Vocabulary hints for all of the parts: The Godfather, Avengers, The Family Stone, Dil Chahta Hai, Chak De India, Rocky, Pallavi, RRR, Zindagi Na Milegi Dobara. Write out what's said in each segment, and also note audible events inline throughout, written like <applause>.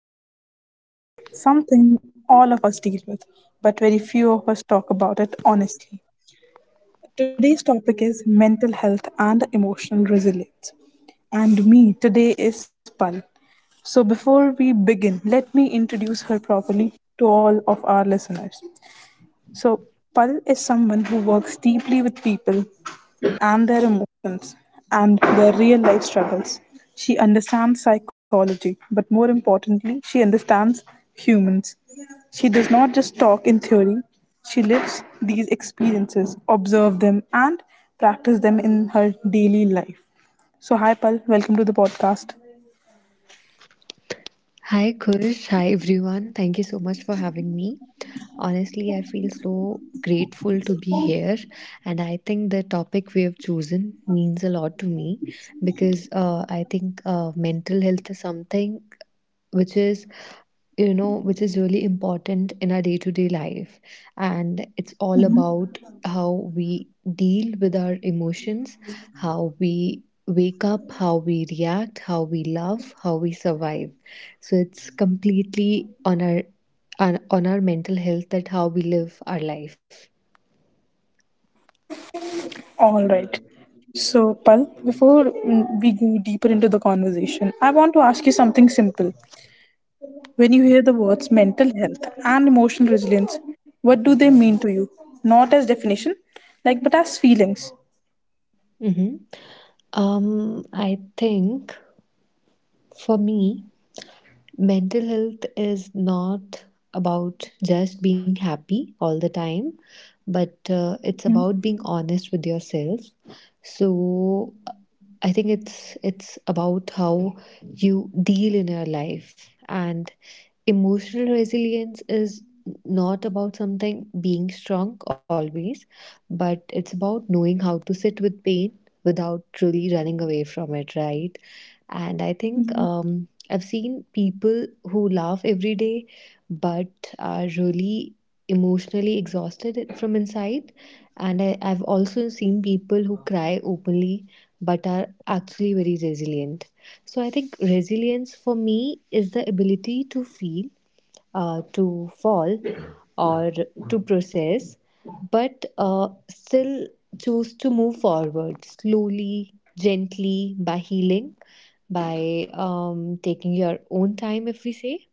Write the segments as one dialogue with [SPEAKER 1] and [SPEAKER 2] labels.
[SPEAKER 1] my heart because it's something all of us deal with, but very few of us talk about it honestly. Today's topic is mental health and emotional resilience. And me today is Pal. So before we begin, let me introduce her properly to all of our listeners. So, Pal is someone who works deeply with people and their emotions and their real life struggles. She understands psychology, but more importantly, she understands humans. She does not just talk in theory, she lives these experiences, observe them, and practice them in her daily life. So, hi Pal, welcome to the podcast.
[SPEAKER 2] Hi, Kush. Hi, everyone. Thank you so much for having me. Honestly, I feel so grateful to be here, and I think the topic we have chosen means a lot to me because I think mental health is something which is which is really important in our day to day life. And it's all about how we deal with our emotions, how we wake up, how we react, how we love, how we survive. So it's completely on our on our mental health, that how we live our life.
[SPEAKER 1] All right. So, Pal, before we go deeper into the conversation, I want to ask you something simple. When you hear the words mental health and emotional resilience, what do they mean to you? Not as definition, like but as feelings.
[SPEAKER 2] hmm Um, I think, for me, mental health is not about just being happy all the time, but it's
[SPEAKER 1] Mhm.
[SPEAKER 2] about being honest with yourself. So I think it's about how you deal in your life, and emotional resilience is not about something being strong always, but it's about knowing how to sit with pain without truly running away from it, right? And I think
[SPEAKER 1] Mhm.
[SPEAKER 2] I've seen people who laugh every day but are really emotionally exhausted from inside. And I've also seen people who cry openly but are actually very resilient. So I think resilience for me is the ability to feel, to fall, or to process, but still choose to move forward slowly, gently, by healing, by taking your own time, if we say.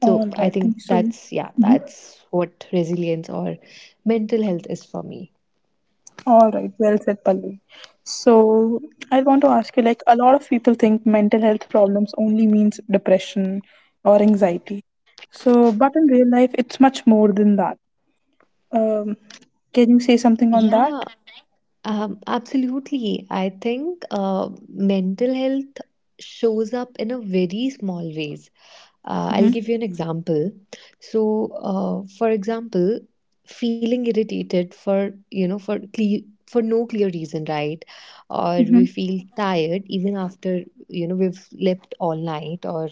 [SPEAKER 1] All
[SPEAKER 2] So I
[SPEAKER 1] right. Thank
[SPEAKER 2] think
[SPEAKER 1] you so
[SPEAKER 2] that's yeah,
[SPEAKER 1] Mhm.
[SPEAKER 2] that's what resilience or mental health is for me.
[SPEAKER 1] All right. Well said, Pallavi. So I want to ask you, like a lot of people think mental health problems only means depression or anxiety. So, but in real life, it's much more than that. Um, can you say something on that?
[SPEAKER 2] Yeah, absolutely. I think mental health shows up in a very small ways. I'll
[SPEAKER 1] Mm-hmm.
[SPEAKER 2] give you an example. So, for example, feeling irritated for you know for cle- for no clear reason, right? Or we
[SPEAKER 1] Mm-hmm.
[SPEAKER 2] feel tired even after we've slept all night, or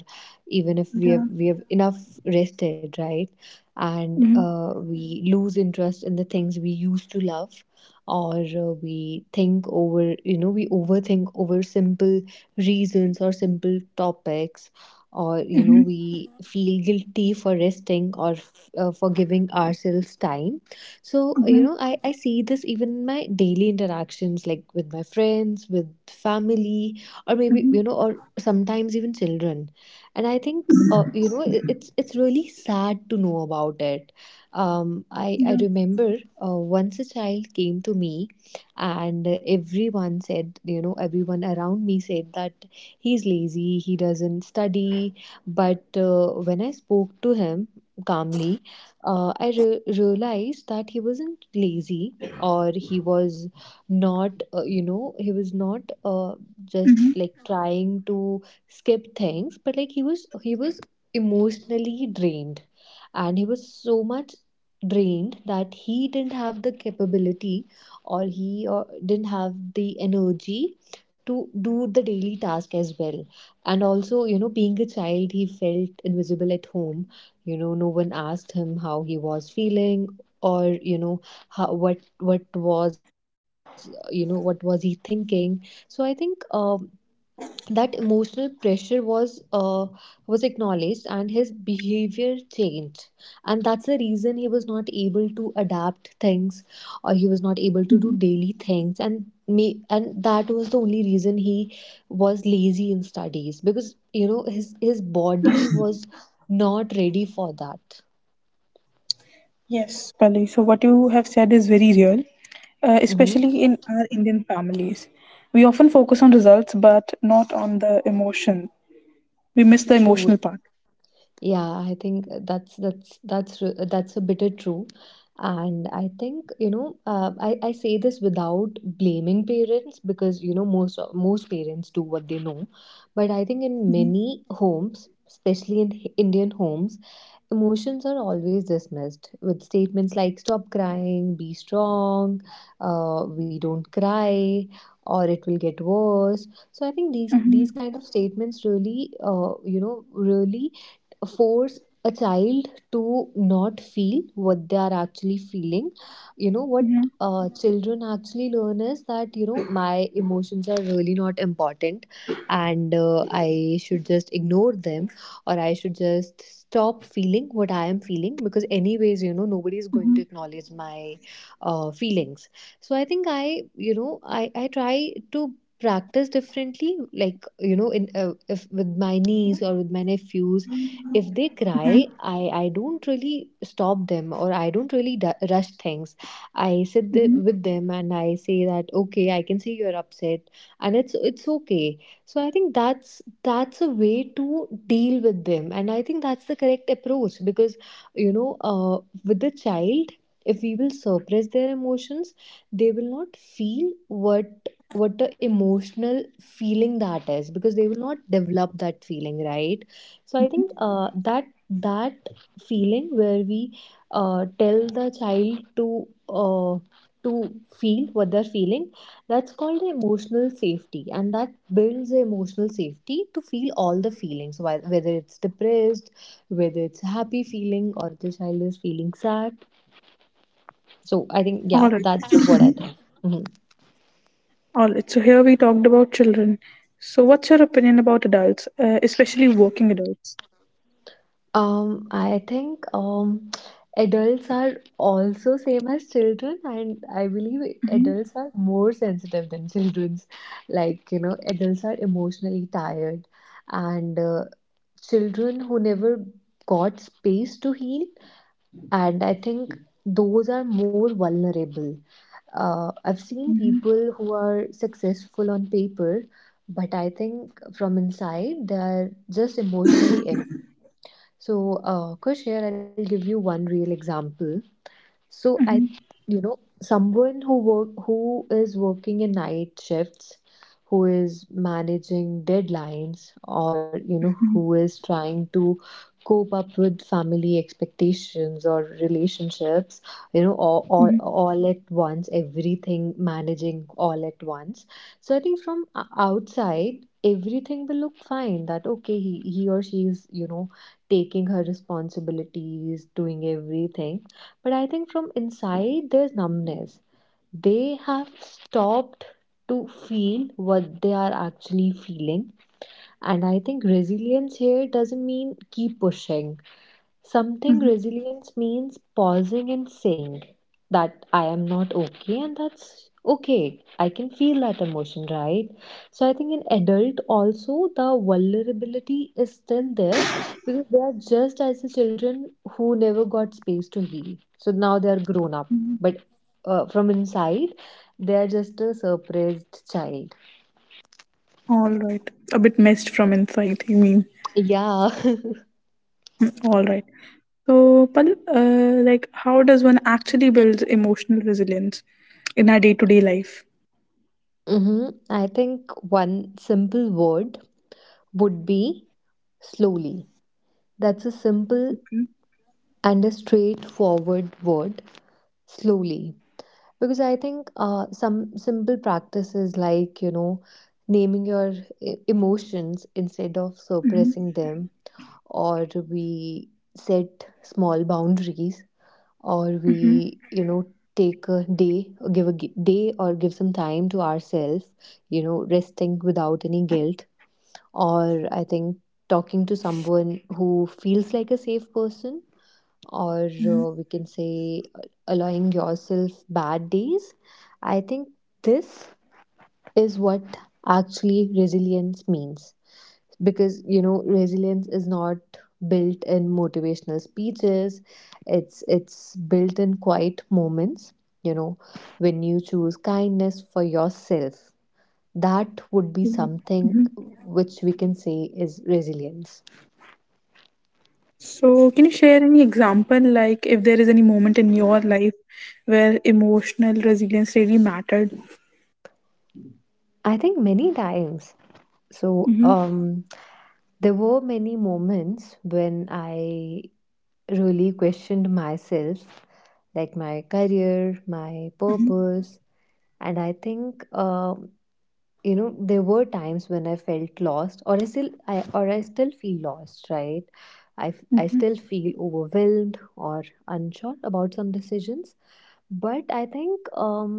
[SPEAKER 2] even if we have
[SPEAKER 1] Yeah.
[SPEAKER 2] we have enough rested, right? And
[SPEAKER 1] Mm-hmm.
[SPEAKER 2] we lose interest in the things we used to love, or we think over you know we overthink over simple reasons or simple topics, or
[SPEAKER 1] Mm-hmm.
[SPEAKER 2] we feel guilty for resting or for giving ourselves time. So you
[SPEAKER 1] Mm-hmm.
[SPEAKER 2] know I, I see this even in my daily interactions, like with my friends, with family, or maybe,
[SPEAKER 1] Mm-hmm.
[SPEAKER 2] or sometimes even children. And I think it's really sad to know about it. I remember, once a child came to me, and everyone around me said that he's lazy, he doesn't study. But when I spoke to him calmly, I realized that he wasn't lazy, or he was not, he was not just like trying to skip things, but like he was emotionally drained. And he was so much drained that he didn't have the capability, or he didn't have the energy to do the daily task as well. And also, being a child, he felt invisible at home. No one asked him how he was feeling, or you know how, what was you know what was he thinking. So I think, that emotional pressure was, was acknowledged, and his behavior changed. And that's the reason he was not able to adapt things, or he was not able to do daily things, and me and that was the only reason he was lazy in studies, because his body was not ready for that.
[SPEAKER 1] Yes, Pallavi. So, what you have said is very real,
[SPEAKER 2] Hmm.
[SPEAKER 1] especially in our Indian families. We often focus on results, but not on the emotion. We miss the
[SPEAKER 2] True.
[SPEAKER 1] emotional part.
[SPEAKER 2] Yeah, I think that's a bitter true, and I think, I say this without blaming parents, because most parents do what they know, but I think in many homes, especially in Indian homes, emotions are always dismissed with statements like stop crying, be strong, we don't cry, or it will get worse. So I think these
[SPEAKER 1] Mm-hmm.
[SPEAKER 2] kind of statements really force a child to not feel what they are actually feeling. You know what
[SPEAKER 1] Yeah.
[SPEAKER 2] children actually learn is that, my emotions are really not important, and I should just ignore them, or I should just stop feeling what I am feeling, because, anyways, nobody is going to acknowledge my feelings. So I think I, you know, I try to practice differently, like, you know in if with my niece or with my nephews, if they cry, I don't really stop them, or I don't really rush things. I sit with them, and I say that, okay, I can see you're upset, and it's okay. So I think that's a way to deal with them, and I think that's the correct approach, because, you know uh, with the child, if we will suppress their emotions, they will not feel what the emotional feeling that is, because they will not develop that feeling, right? So I think, that feeling where we, tell the child to, to feel what they're feeling, that's called emotional safety, and that builds emotional safety to feel all the feelings, whether it's depressed, whether it's happy feeling, or the child is feeling sad. So I think, yeah,
[SPEAKER 1] All right.
[SPEAKER 2] that's what I think. Mhm.
[SPEAKER 1] All right. So, here we talked about children. So, what's your opinion about adults, especially working adults?
[SPEAKER 2] I think, adults are also same as children, and I believe adults are more sensitive than children's. Like, adults are emotionally tired, and children who never got space to heal, and I think those are more vulnerable. I've seen people who are successful on paper, but I think from inside they are just emotionally empty. So, Kush, here I'll give you one real example. So, someone who is working in night shifts, who is managing deadlines, or, who is trying to cope up with family expectations or relationships, all, all,
[SPEAKER 1] Mm-hmm.
[SPEAKER 2] all at once, everything managing all at once. So I think from outside, everything will look fine. That okay, he or she is, taking her responsibilities, doing everything, but I think from inside there's numbness. They have stopped to feel what they are actually feeling. And I think resilience here doesn't mean keep pushing. Something resilience means pausing and saying that I am not okay, and that's okay. I can feel that emotion, right? So I think in adult also, the vulnerability is still there, because they are just as the children who never got space to heal. So now they are grown up, but from inside they are just a surprised child.
[SPEAKER 1] All right. A bit messed from inside, you mean?
[SPEAKER 2] Yeah. <laughs>
[SPEAKER 1] All right. So, Pal, like, how does one actually build emotional resilience in our day to day life?
[SPEAKER 2] Mm-hmm. I think one simple word would be slowly. That's a simple and a straightforward word, slowly. Because I think, some simple practices, like, naming your emotions instead of suppressing them, or we set small boundaries, or we, take a day, or give a gi- day or give some time to ourselves, resting without any guilt, or I think talking to someone who feels like a safe person, or we can say, allowing yourself bad days. I think this is what actually resilience means. Because, resilience is not built in motivational speeches, it's built in quiet moments, you know, when you choose kindness for yourself. That would be
[SPEAKER 1] Mhm,
[SPEAKER 2] something
[SPEAKER 1] mhm.
[SPEAKER 2] which we can say is resilience.
[SPEAKER 1] So, can you share any example, like if there is any moment in your life where emotional resilience really mattered?
[SPEAKER 2] I think many times. so
[SPEAKER 1] Mm-hmm.
[SPEAKER 2] um There were many moments when I really questioned myself, like my career, my purpose, and I think, there were times when I felt lost, or I still feel lost, right? I
[SPEAKER 1] Mm-hmm.
[SPEAKER 2] still feel overwhelmed or unsure about some decisions, but I think,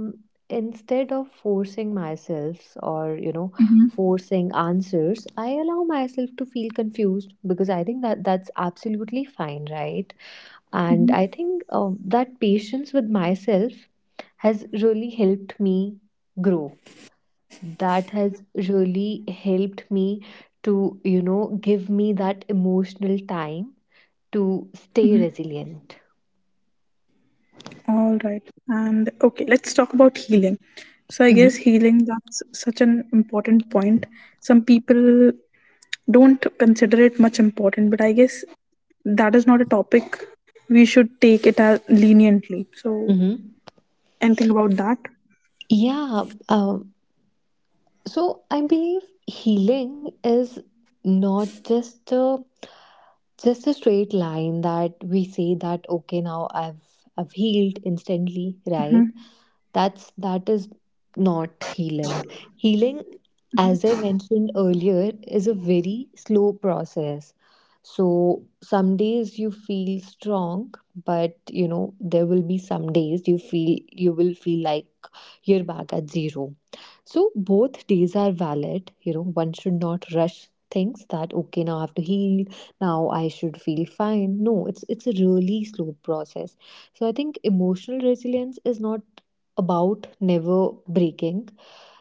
[SPEAKER 2] instead of forcing myself, or forcing answers, I allow myself to feel confused, because I think that that's absolutely fine, right? And I
[SPEAKER 1] Mm-hmm.
[SPEAKER 2] think, that patience with myself has really helped me grow. That has really helped me to, give me that emotional time to stay resilient.
[SPEAKER 1] All right. And okay, let's talk about healing. So, I guess
[SPEAKER 2] Hmm.
[SPEAKER 1] healing that's such an important point. Some people don't consider it much important, but I guess that is not a topic we should take it as leniently. So,
[SPEAKER 2] Hmm.
[SPEAKER 1] anything about that?
[SPEAKER 2] Yeah. Uh. So I believe healing is not just a straight line, that we say that okay, now I've healed instantly, right?
[SPEAKER 1] Mm-hmm.
[SPEAKER 2] That is not healing. Healing, as I mentioned earlier, is a very slow process. So some days you feel strong, but there will be some days you will feel like you're back at zero. So both days are valid. One should not rush things, that okay, now I have to heal, now I should feel fine. No, it's a really slow process. So I think emotional resilience is not about never breaking,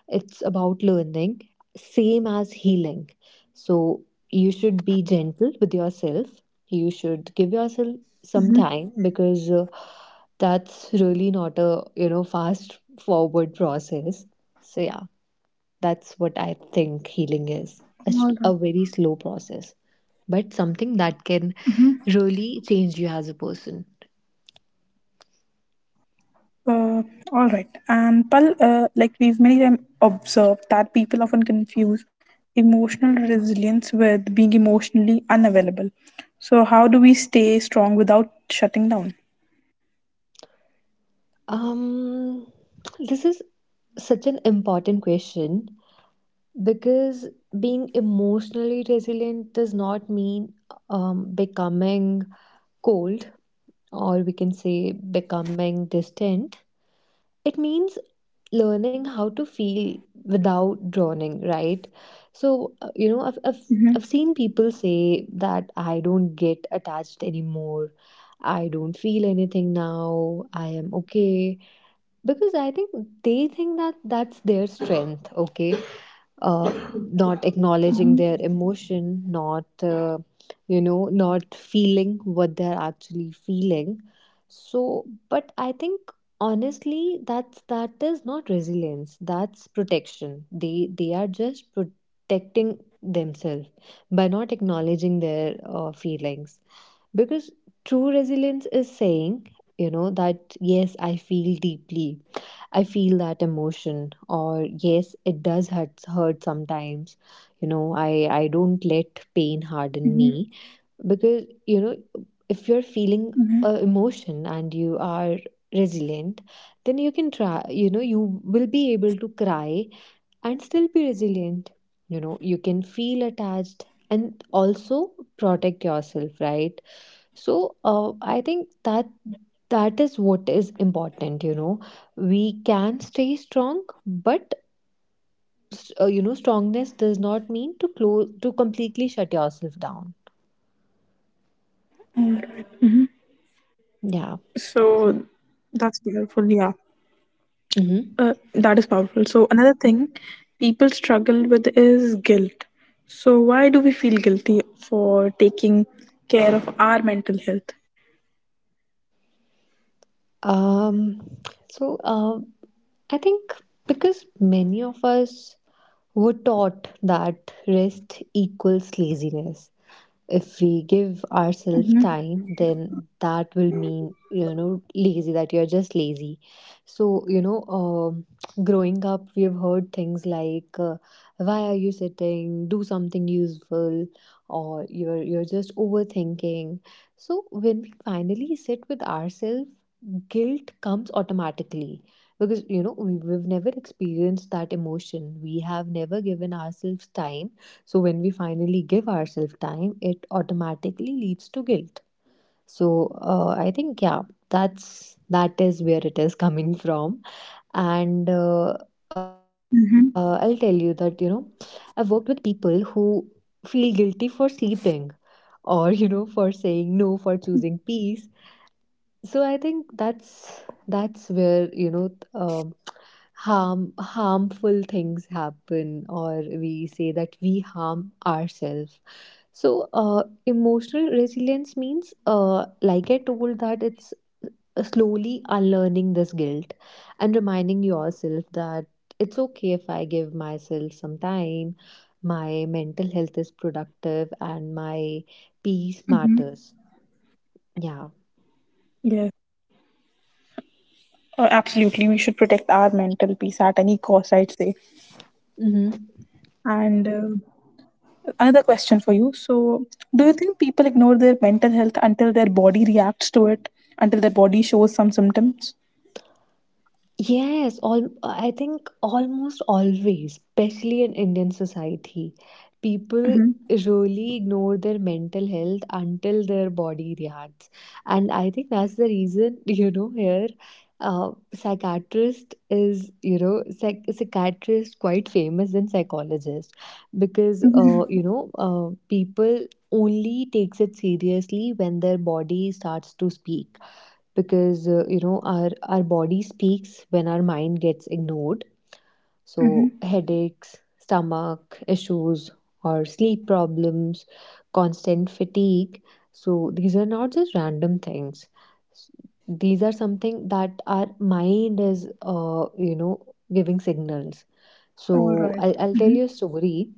[SPEAKER 2] it's about learning, same as healing. So, you should be gentle with yourself. You should give yourself some time, because that's really not a, fast forward process. So, yeah, that's what I think, healing is a very slow process, but something that can really change you as a person.
[SPEAKER 1] Uh, all right. And Pal, like we've many times observed that people often confuse emotional resilience with being emotionally unavailable. So, how do we stay strong without shutting down?
[SPEAKER 2] Um, this is such an important question. Because being emotionally resilient does not mean becoming cold, or we can say becoming distant. It means learning how to feel without drowning, right? So I've
[SPEAKER 1] Mm-hmm,
[SPEAKER 2] seen people say that I don't get attached anymore. I don't feel anything now. I am okay. Because I think they think that that's their strength, okay? Not acknowledging
[SPEAKER 1] mm-hmm,
[SPEAKER 2] their emotion, not not feeling what they're actually feeling. So, but I think honestly, that is not resilience. That's protection. They are just protecting themselves by not acknowledging their feelings. Because true resilience is saying, you know, that yes, I feel deeply, I feel that emotion, or yes, it does hurt sometimes. You know, I don't let
[SPEAKER 1] mm-hmm,
[SPEAKER 2] pain harden me, because, you know, if you're
[SPEAKER 1] mm-hmm.
[SPEAKER 2] feeling a emotion and you are resilient, then you can try, you know, you will be able to cry and still be resilient. You know, you can feel attached and also protect yourself, right? So I think that that is what is important. You know, we can stay strong, but you know, strongness does not mean to close to completely shut yourself down. Yeah.
[SPEAKER 1] So, that's powerful. Yeah,
[SPEAKER 2] Mm-hmm.
[SPEAKER 1] that is powerful. So, another thing people struggle with is guilt. So, why do we feel guilty for taking care of our mental health?
[SPEAKER 2] Um. So uh, I think because many of us were taught that rest equals laziness. If we give ourselves time, then that will mean, you know, lazy, that you're just lazy. So you know, growing up, we have heard things like, why are you sitting, do something useful, or you're just overthinking. So when we finally sit with ourselves, guilt comes automatically, because, you know, we've never experienced that emotion, we have never given ourselves time. So when we finally give ourselves time, it automatically leads to guilt. So I think, yeah, that is where it is coming <laughs> from. And I'll tell you
[SPEAKER 1] Mm-hmm,
[SPEAKER 2] that, you know, I've worked with people who feel guilty for sleeping, or <laughs> you know, for saying no, for choosing peace. So I think that's where, you know, harmful things happen, or we say that we harm ourselves. So, emotional resilience means, like I told, that it's slowly unlearning this guilt and reminding yourself that it's okay if I give myself some time, my mental health is productive, and my peace
[SPEAKER 1] mm-hmm.
[SPEAKER 2] matters. Yeah.
[SPEAKER 1] Yes. Absolutely, we should protect our mental peace at any cost, I'd say. And another question for you. So, do you think people ignore their mental health until their body reacts to it, until their body shows some symptoms?
[SPEAKER 2] Yes, all I think almost always, especially in Indian society, people
[SPEAKER 1] Mm-hmm.
[SPEAKER 2] really ignore their mental health until their body reacts. And I think that's the reason, <laughs> you know, here psychiatrist is, you know, psychiatrist quite famous than psychologist, because
[SPEAKER 1] Mm-hmm.
[SPEAKER 2] people only takes it seriously when their body starts to speak, because you know, our body speaks when our mind gets ignored. So
[SPEAKER 1] Mm-hmm.
[SPEAKER 2] headaches, stomach issues, or sleep problems, constant fatigue, so these are not just random things. S- these are something that our mind is, you know, giving signals. so
[SPEAKER 1] All
[SPEAKER 2] i'll,
[SPEAKER 1] right.
[SPEAKER 2] I'll tell you a
[SPEAKER 1] Mm-hmm.
[SPEAKER 2] story.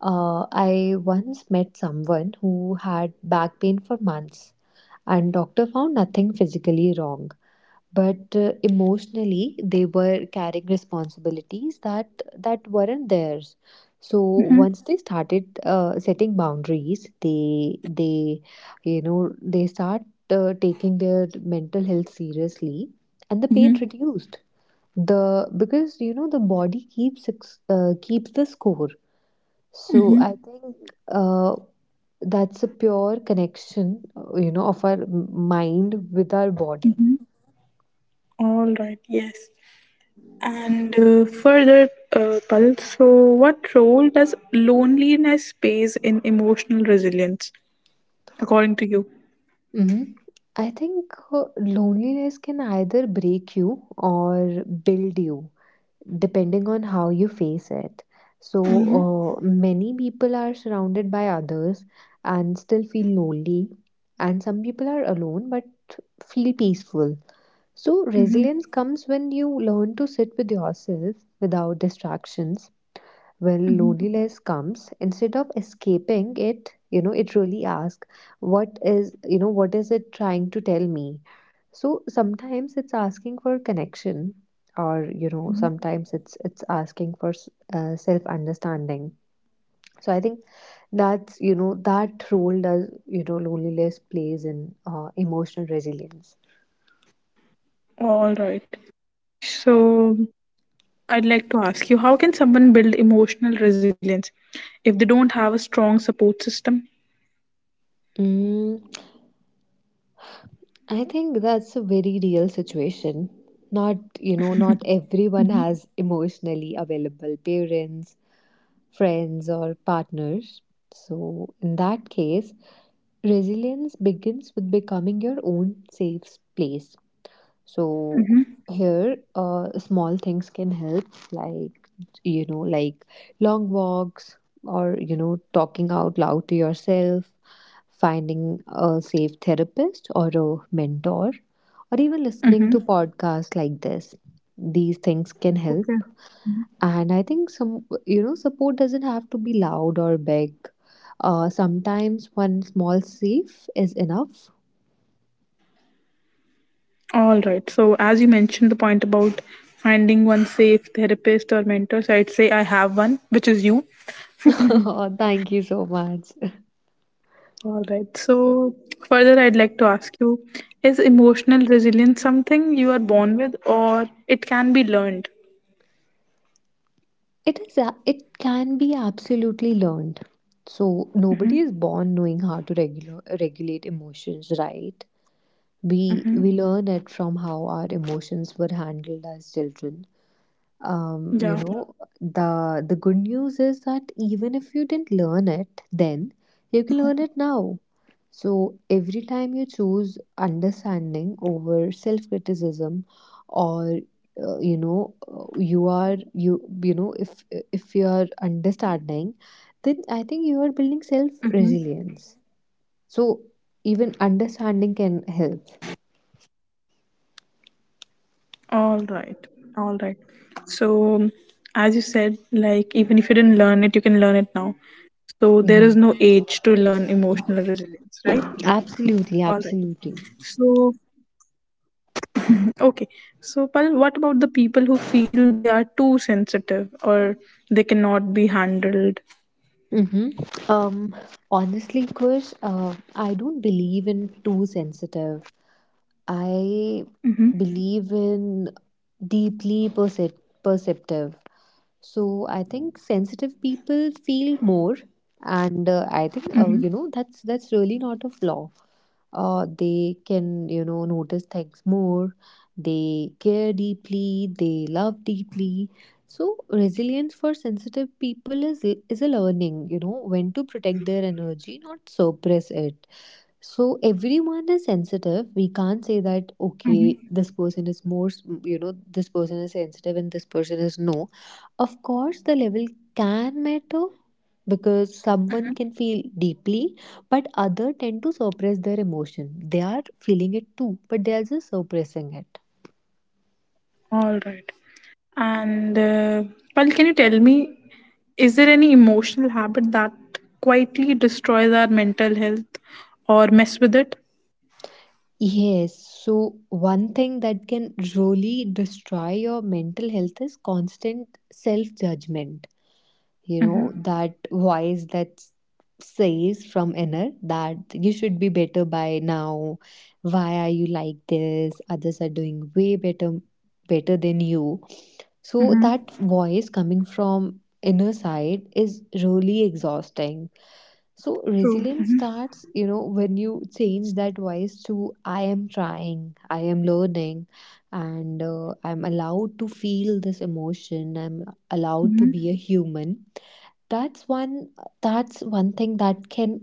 [SPEAKER 2] I once met someone who had back pain for months, and doctor found nothing physically wrong, but emotionally they were carrying responsibilities that weren't theirs. So
[SPEAKER 1] Mm-hmm.
[SPEAKER 2] once they started setting boundaries, they you know, they start taking their mental health seriously, and the pain
[SPEAKER 1] Mm-hmm.
[SPEAKER 2] reduced. The because you know the body keeps the score. So
[SPEAKER 1] Mm-hmm.
[SPEAKER 2] I think, uh, that's a pure connection, you know, of our mind with our body.
[SPEAKER 1] Mm-hmm. All right. Yes. And further, Pal, so what role does loneliness plays in emotional resilience, according to you?
[SPEAKER 2] Mhm. I think loneliness can either break you or build you, depending on how you face it. So, many people are surrounded by others and still feel lonely, and some people are alone but feel peaceful. So,
[SPEAKER 1] Mm-hmm.
[SPEAKER 2] resilience comes when you learn to sit with yourself without distractions. Well,
[SPEAKER 1] Mm-hmm.
[SPEAKER 2] loneliness comes, instead of escaping it, you know, it really asks, what is, you know, what is it trying to tell me? So sometimes it's asking for connection, or you know, sometimes it's asking for self understanding. So I think that's, you know, that role does, you know, loneliness plays in emotional resilience.
[SPEAKER 1] All right. So I'd like to ask you how can someone build emotional resilience if they don't have a strong support system?
[SPEAKER 2] Mm, I think that's a very real situation. Not, you know, not everyone
[SPEAKER 1] Hmm.
[SPEAKER 2] has emotionally available parents, friends, or partners. So, in that case, resilience begins with becoming your own safe place. So,
[SPEAKER 1] Mm-hmm.
[SPEAKER 2] here, small things can help, like, you know, like long walks, or, you know, talking out loud to yourself, finding a safe therapist or a mentor, or even listening to
[SPEAKER 1] Mm-hmm.
[SPEAKER 2] podcasts like this. These things can
[SPEAKER 1] Okay.
[SPEAKER 2] help. And I think some, you know, support doesn't have to be loud or big. Sometimes one small safe is enough.
[SPEAKER 1] All right. So as you mentioned the point about finding one safe therapist or mentor, so I'd say I have one, which is you.
[SPEAKER 2] <laughs> Oh, thank you so much.
[SPEAKER 1] All right. So further I'd like to ask you is emotional resilience something you are born with or it can be learned?
[SPEAKER 2] It is a, it can be absolutely learned. So nobody is
[SPEAKER 1] Mm-hmm.
[SPEAKER 2] born knowing how to regulate emotions, right? We learn it from how our emotions were handled as children. You know,
[SPEAKER 1] Yeah.
[SPEAKER 2] the good news is that even if you didn't learn it then, you can learn it now. So every time you choose understanding over self criticism, or you know, if you are understanding, then I think you are building self
[SPEAKER 1] Mm-hmm.
[SPEAKER 2] resilience. So even understanding can help.
[SPEAKER 1] All right. All right. So, as you said, like, even if you didn't learn it, you can learn it now. So, there
[SPEAKER 2] Yeah.
[SPEAKER 1] is no age to learn emotional resilience, right?
[SPEAKER 2] Absolutely,
[SPEAKER 1] All right.
[SPEAKER 2] absolutely.
[SPEAKER 1] So, okay. So, Pal, what about the people who feel they are too sensitive or they cannot be handled?
[SPEAKER 2] Hmm. Um, Honestly, Kush, I don't believe in too sensitive. I believe in deeply perce- perceptive. So I think sensitive people feel more, and I think you know,
[SPEAKER 1] Mhm.
[SPEAKER 2] that's really not a flaw. They can, you know, notice things more. They care deeply, they love deeply. So resilience for sensitive people is a learning, you know, when to protect their energy, not suppress it. So everyone is sensitive. We can't say that okay, this person is more, you know, this person is sensitive and this person is no. Of course, the level can matter, because someone can feel deeply, but other tend to suppress their emotion. They are feeling it too, but they are just suppressing it.
[SPEAKER 1] All right. And, Pal, can you tell me, is there any emotional habit that quietly destroys our mental health or mess with it?
[SPEAKER 2] Yes, so one thing that can really destroy your mental health is constant self judgment. You know that voice that says from inner that you should be better by now, why are you like this, others are doing way better, better than you. So
[SPEAKER 1] Mm-hmm.
[SPEAKER 2] that voice coming from inner side is really exhausting. So
[SPEAKER 1] True.
[SPEAKER 2] resilience starts, you know, when you change that voice to, I am trying, I am learning, and I'm allowed to feel this emotion, I'm allowed to be
[SPEAKER 1] Mm-hmm.
[SPEAKER 2] a human. That's one, that's one thing that can,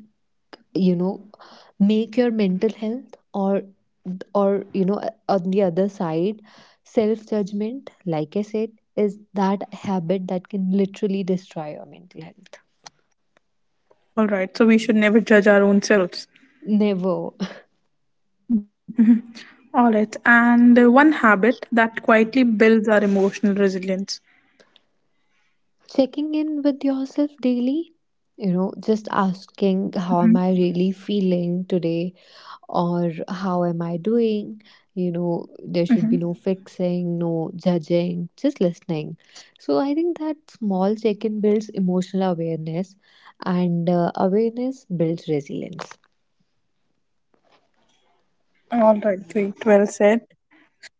[SPEAKER 2] you know, make your mental health, or you know, on the other side, self judgment, like I said, is that habit that can literally destroy your mental health.
[SPEAKER 1] All right. So we should never judge our own selves.
[SPEAKER 2] Never.
[SPEAKER 1] All right. And one habit that quietly builds our emotional resilience.
[SPEAKER 2] Checking in with yourself daily, you know, just asking, how am I really
[SPEAKER 1] Mm-hmm.
[SPEAKER 2] feeling today, or how am I doing? You know, there should be no
[SPEAKER 1] Mm-hmm.
[SPEAKER 2] fixing, no judging, just listening. So I think that small check in builds emotional awareness, and awareness builds resilience.
[SPEAKER 1] All right. Great. Well said.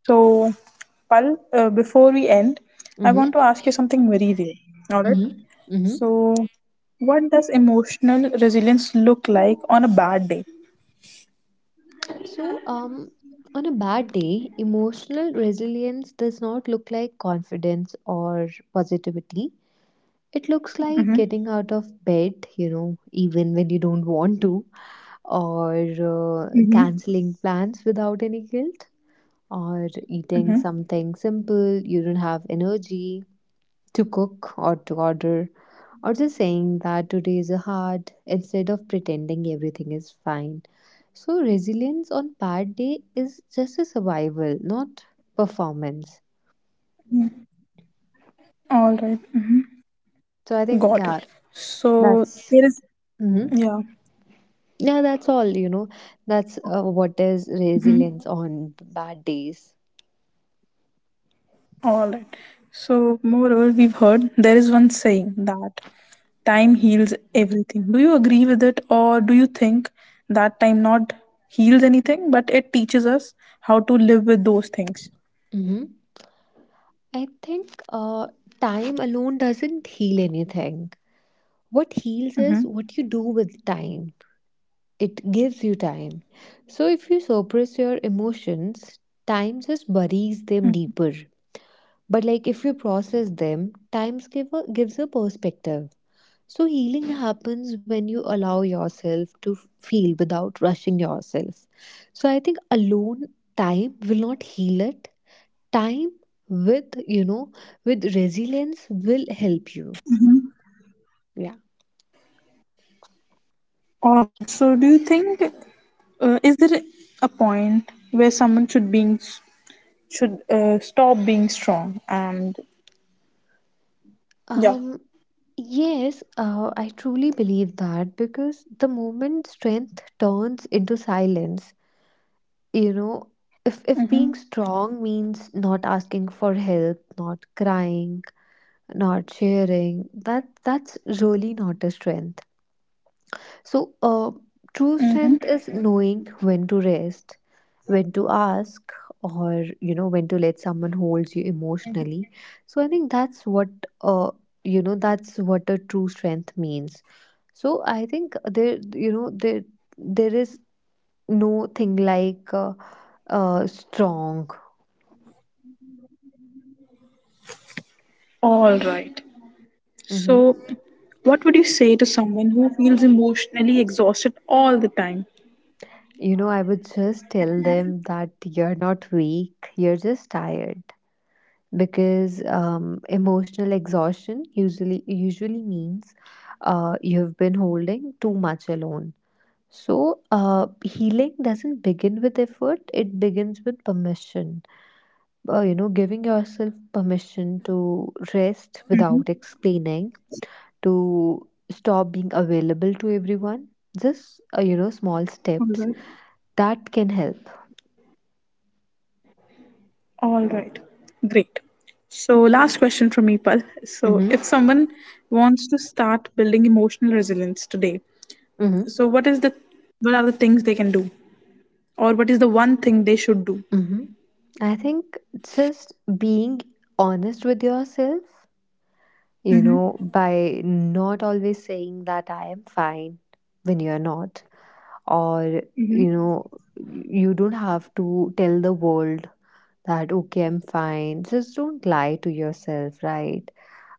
[SPEAKER 1] So, Pal, before we end, I
[SPEAKER 2] Mm-hmm.
[SPEAKER 1] want to ask you something very real. All right.
[SPEAKER 2] Mm-hmm. Mm-hmm.
[SPEAKER 1] So, what does emotional resilience look like on a bad day?
[SPEAKER 2] So, on a bad day, emotional resilience does not look like confidence or positivity. It looks like getting
[SPEAKER 1] Mm-hmm.
[SPEAKER 2] out of bed, you know, even when you don't want to, or
[SPEAKER 1] Mm-hmm.
[SPEAKER 2] canceling plans without any guilt, or eating
[SPEAKER 1] Mm-hmm.
[SPEAKER 2] something simple you don't have energy to cook or to order, or just saying that today is hard instead of pretending everything is fine. So, resilience on bad day is just a survival, not performance.
[SPEAKER 1] All right. Mm-hmm.
[SPEAKER 2] So, I think,
[SPEAKER 1] Got
[SPEAKER 2] yeah,
[SPEAKER 1] it. So
[SPEAKER 2] that's.
[SPEAKER 1] there is,
[SPEAKER 2] Hmm.
[SPEAKER 1] yeah.
[SPEAKER 2] Yeah, that's all, you know. That's what is
[SPEAKER 1] Mhm.
[SPEAKER 2] resilience on bad days.
[SPEAKER 1] All right. So, moreover, we've heard there is one saying that time heals everything. Do you agree with it, or do you think that time not heals anything, but it teaches us how to live with those things?
[SPEAKER 2] Mm-hmm. I think time alone doesn't heal anything. What heals is
[SPEAKER 1] Mm-hmm.
[SPEAKER 2] what you do with time. It gives you time. So if you suppress your emotions, time just buries them deeper. But like if you process them, gives a perspective. So healing happens when you allow yourself to feel without rushing yourself. So I think alone time will not heal it. Time with, you know, with resilience, will help you. Yeah.
[SPEAKER 1] All right. So, do you think is there a point where someone should being should stop being strong and
[SPEAKER 2] Um,
[SPEAKER 1] yeah.
[SPEAKER 2] yes. I truly believe that, because the moment strength turns into silence, you know, if being
[SPEAKER 1] Mm-hmm.
[SPEAKER 2] strong means not asking for help, not crying, not sharing, that's really not a strength. So, true
[SPEAKER 1] Mm-hmm.
[SPEAKER 2] strength is knowing when to rest, when to ask, or you know, when to let someone hold you emotionally. So, I think that's what uh, you know, that's what a true strength means. So, I think there, you know, there is no thing like strong.
[SPEAKER 1] All right.
[SPEAKER 2] Hmm.
[SPEAKER 1] So, what would you say to someone who feels emotionally exhausted all the time?
[SPEAKER 2] You know, I would just tell them that you're not weak, you're just tired, because emotional exhaustion usually means you've been holding too much alone. So healing doesn't begin with effort; it begins with permission. You know, giving yourself permission to rest
[SPEAKER 1] Mm-hmm.
[SPEAKER 2] without explaining, to stop being available to everyone. Just you know, small
[SPEAKER 1] All
[SPEAKER 2] steps
[SPEAKER 1] right.
[SPEAKER 2] that can help.
[SPEAKER 1] All right. Great. So, last question from me, Pal. So, if
[SPEAKER 2] Mm-hmm.
[SPEAKER 1] someone wants to start building emotional resilience today, so what is the what are the things they can do, or what is the one thing they should do?
[SPEAKER 2] Hmm. I think just being honest with yourself, you
[SPEAKER 1] Mm-hmm.
[SPEAKER 2] know, by not always saying that I am fine when you're not, or, you know, you don't have to tell the world that, okay, I'm fine. Just don't lie to yourself, right?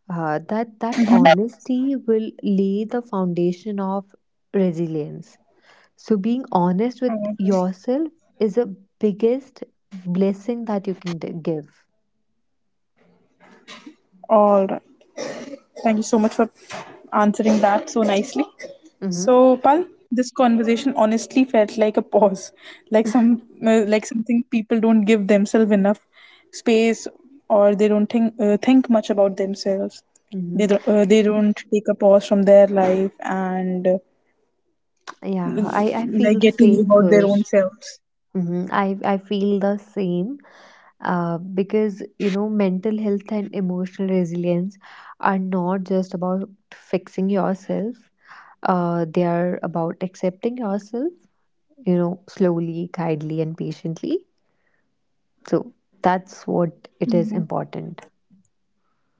[SPEAKER 2] That honesty will lay the foundation of resilience. So being honest with yourself is the biggest blessing that you can give.
[SPEAKER 1] All right. Thank you so much for answering that so nicely.
[SPEAKER 2] Hmm.
[SPEAKER 1] So, Pal, this conversation honestly felt like a pause, like some like something people don't give themselves enough space, or they don't think much about themselves.
[SPEAKER 2] Hmm. <laughs>
[SPEAKER 1] They don't take a pause from their life and
[SPEAKER 2] Yeah, I feel
[SPEAKER 1] like
[SPEAKER 2] the
[SPEAKER 1] get to know
[SPEAKER 2] same,
[SPEAKER 1] about their
[SPEAKER 2] Kush.
[SPEAKER 1] own selves.
[SPEAKER 2] Hmm. I feel the same, because, you know, mental health and emotional resilience are not just about fixing yourself, they are about accepting yourself, you know, slowly, kindly, and patiently. So that's what it is important.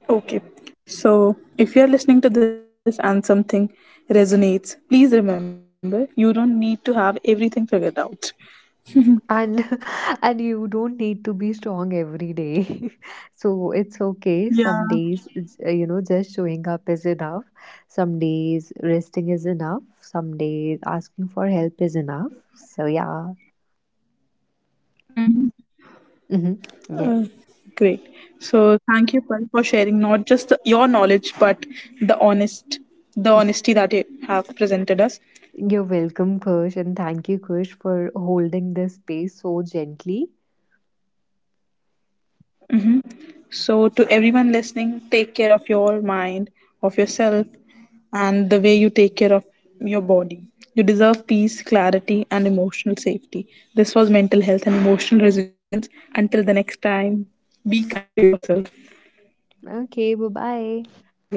[SPEAKER 1] Okay. So, if you're listening to this and something resonates, please remember you don't need to have everything figured out.
[SPEAKER 2] And <laughs> and you don't need to be strong every day. <laughs> So
[SPEAKER 1] Yeah.
[SPEAKER 2] it's okay, some days it's, you know, just showing up is enough, some days resting is enough, some days asking for help is enough. So yeah.
[SPEAKER 1] Mm.
[SPEAKER 2] Hmm. Yeah.
[SPEAKER 1] Great. So thank you, Pal, for sharing not just the, your knowledge, but the honest, the honesty that you have presented us.
[SPEAKER 2] You're welcome, Kush, and thank you, Kush, for holding this space so gently.
[SPEAKER 1] So to everyone listening, take care of your mind, of yourself, and the way you take care of your body. You deserve peace, clarity, and emotional safety. This was mental health and emotional resilience. Until the next time, be kind to yourself.
[SPEAKER 2] Okay, bye
[SPEAKER 1] Ho gaya,
[SPEAKER 2] bye.
[SPEAKER 1] Pallavi.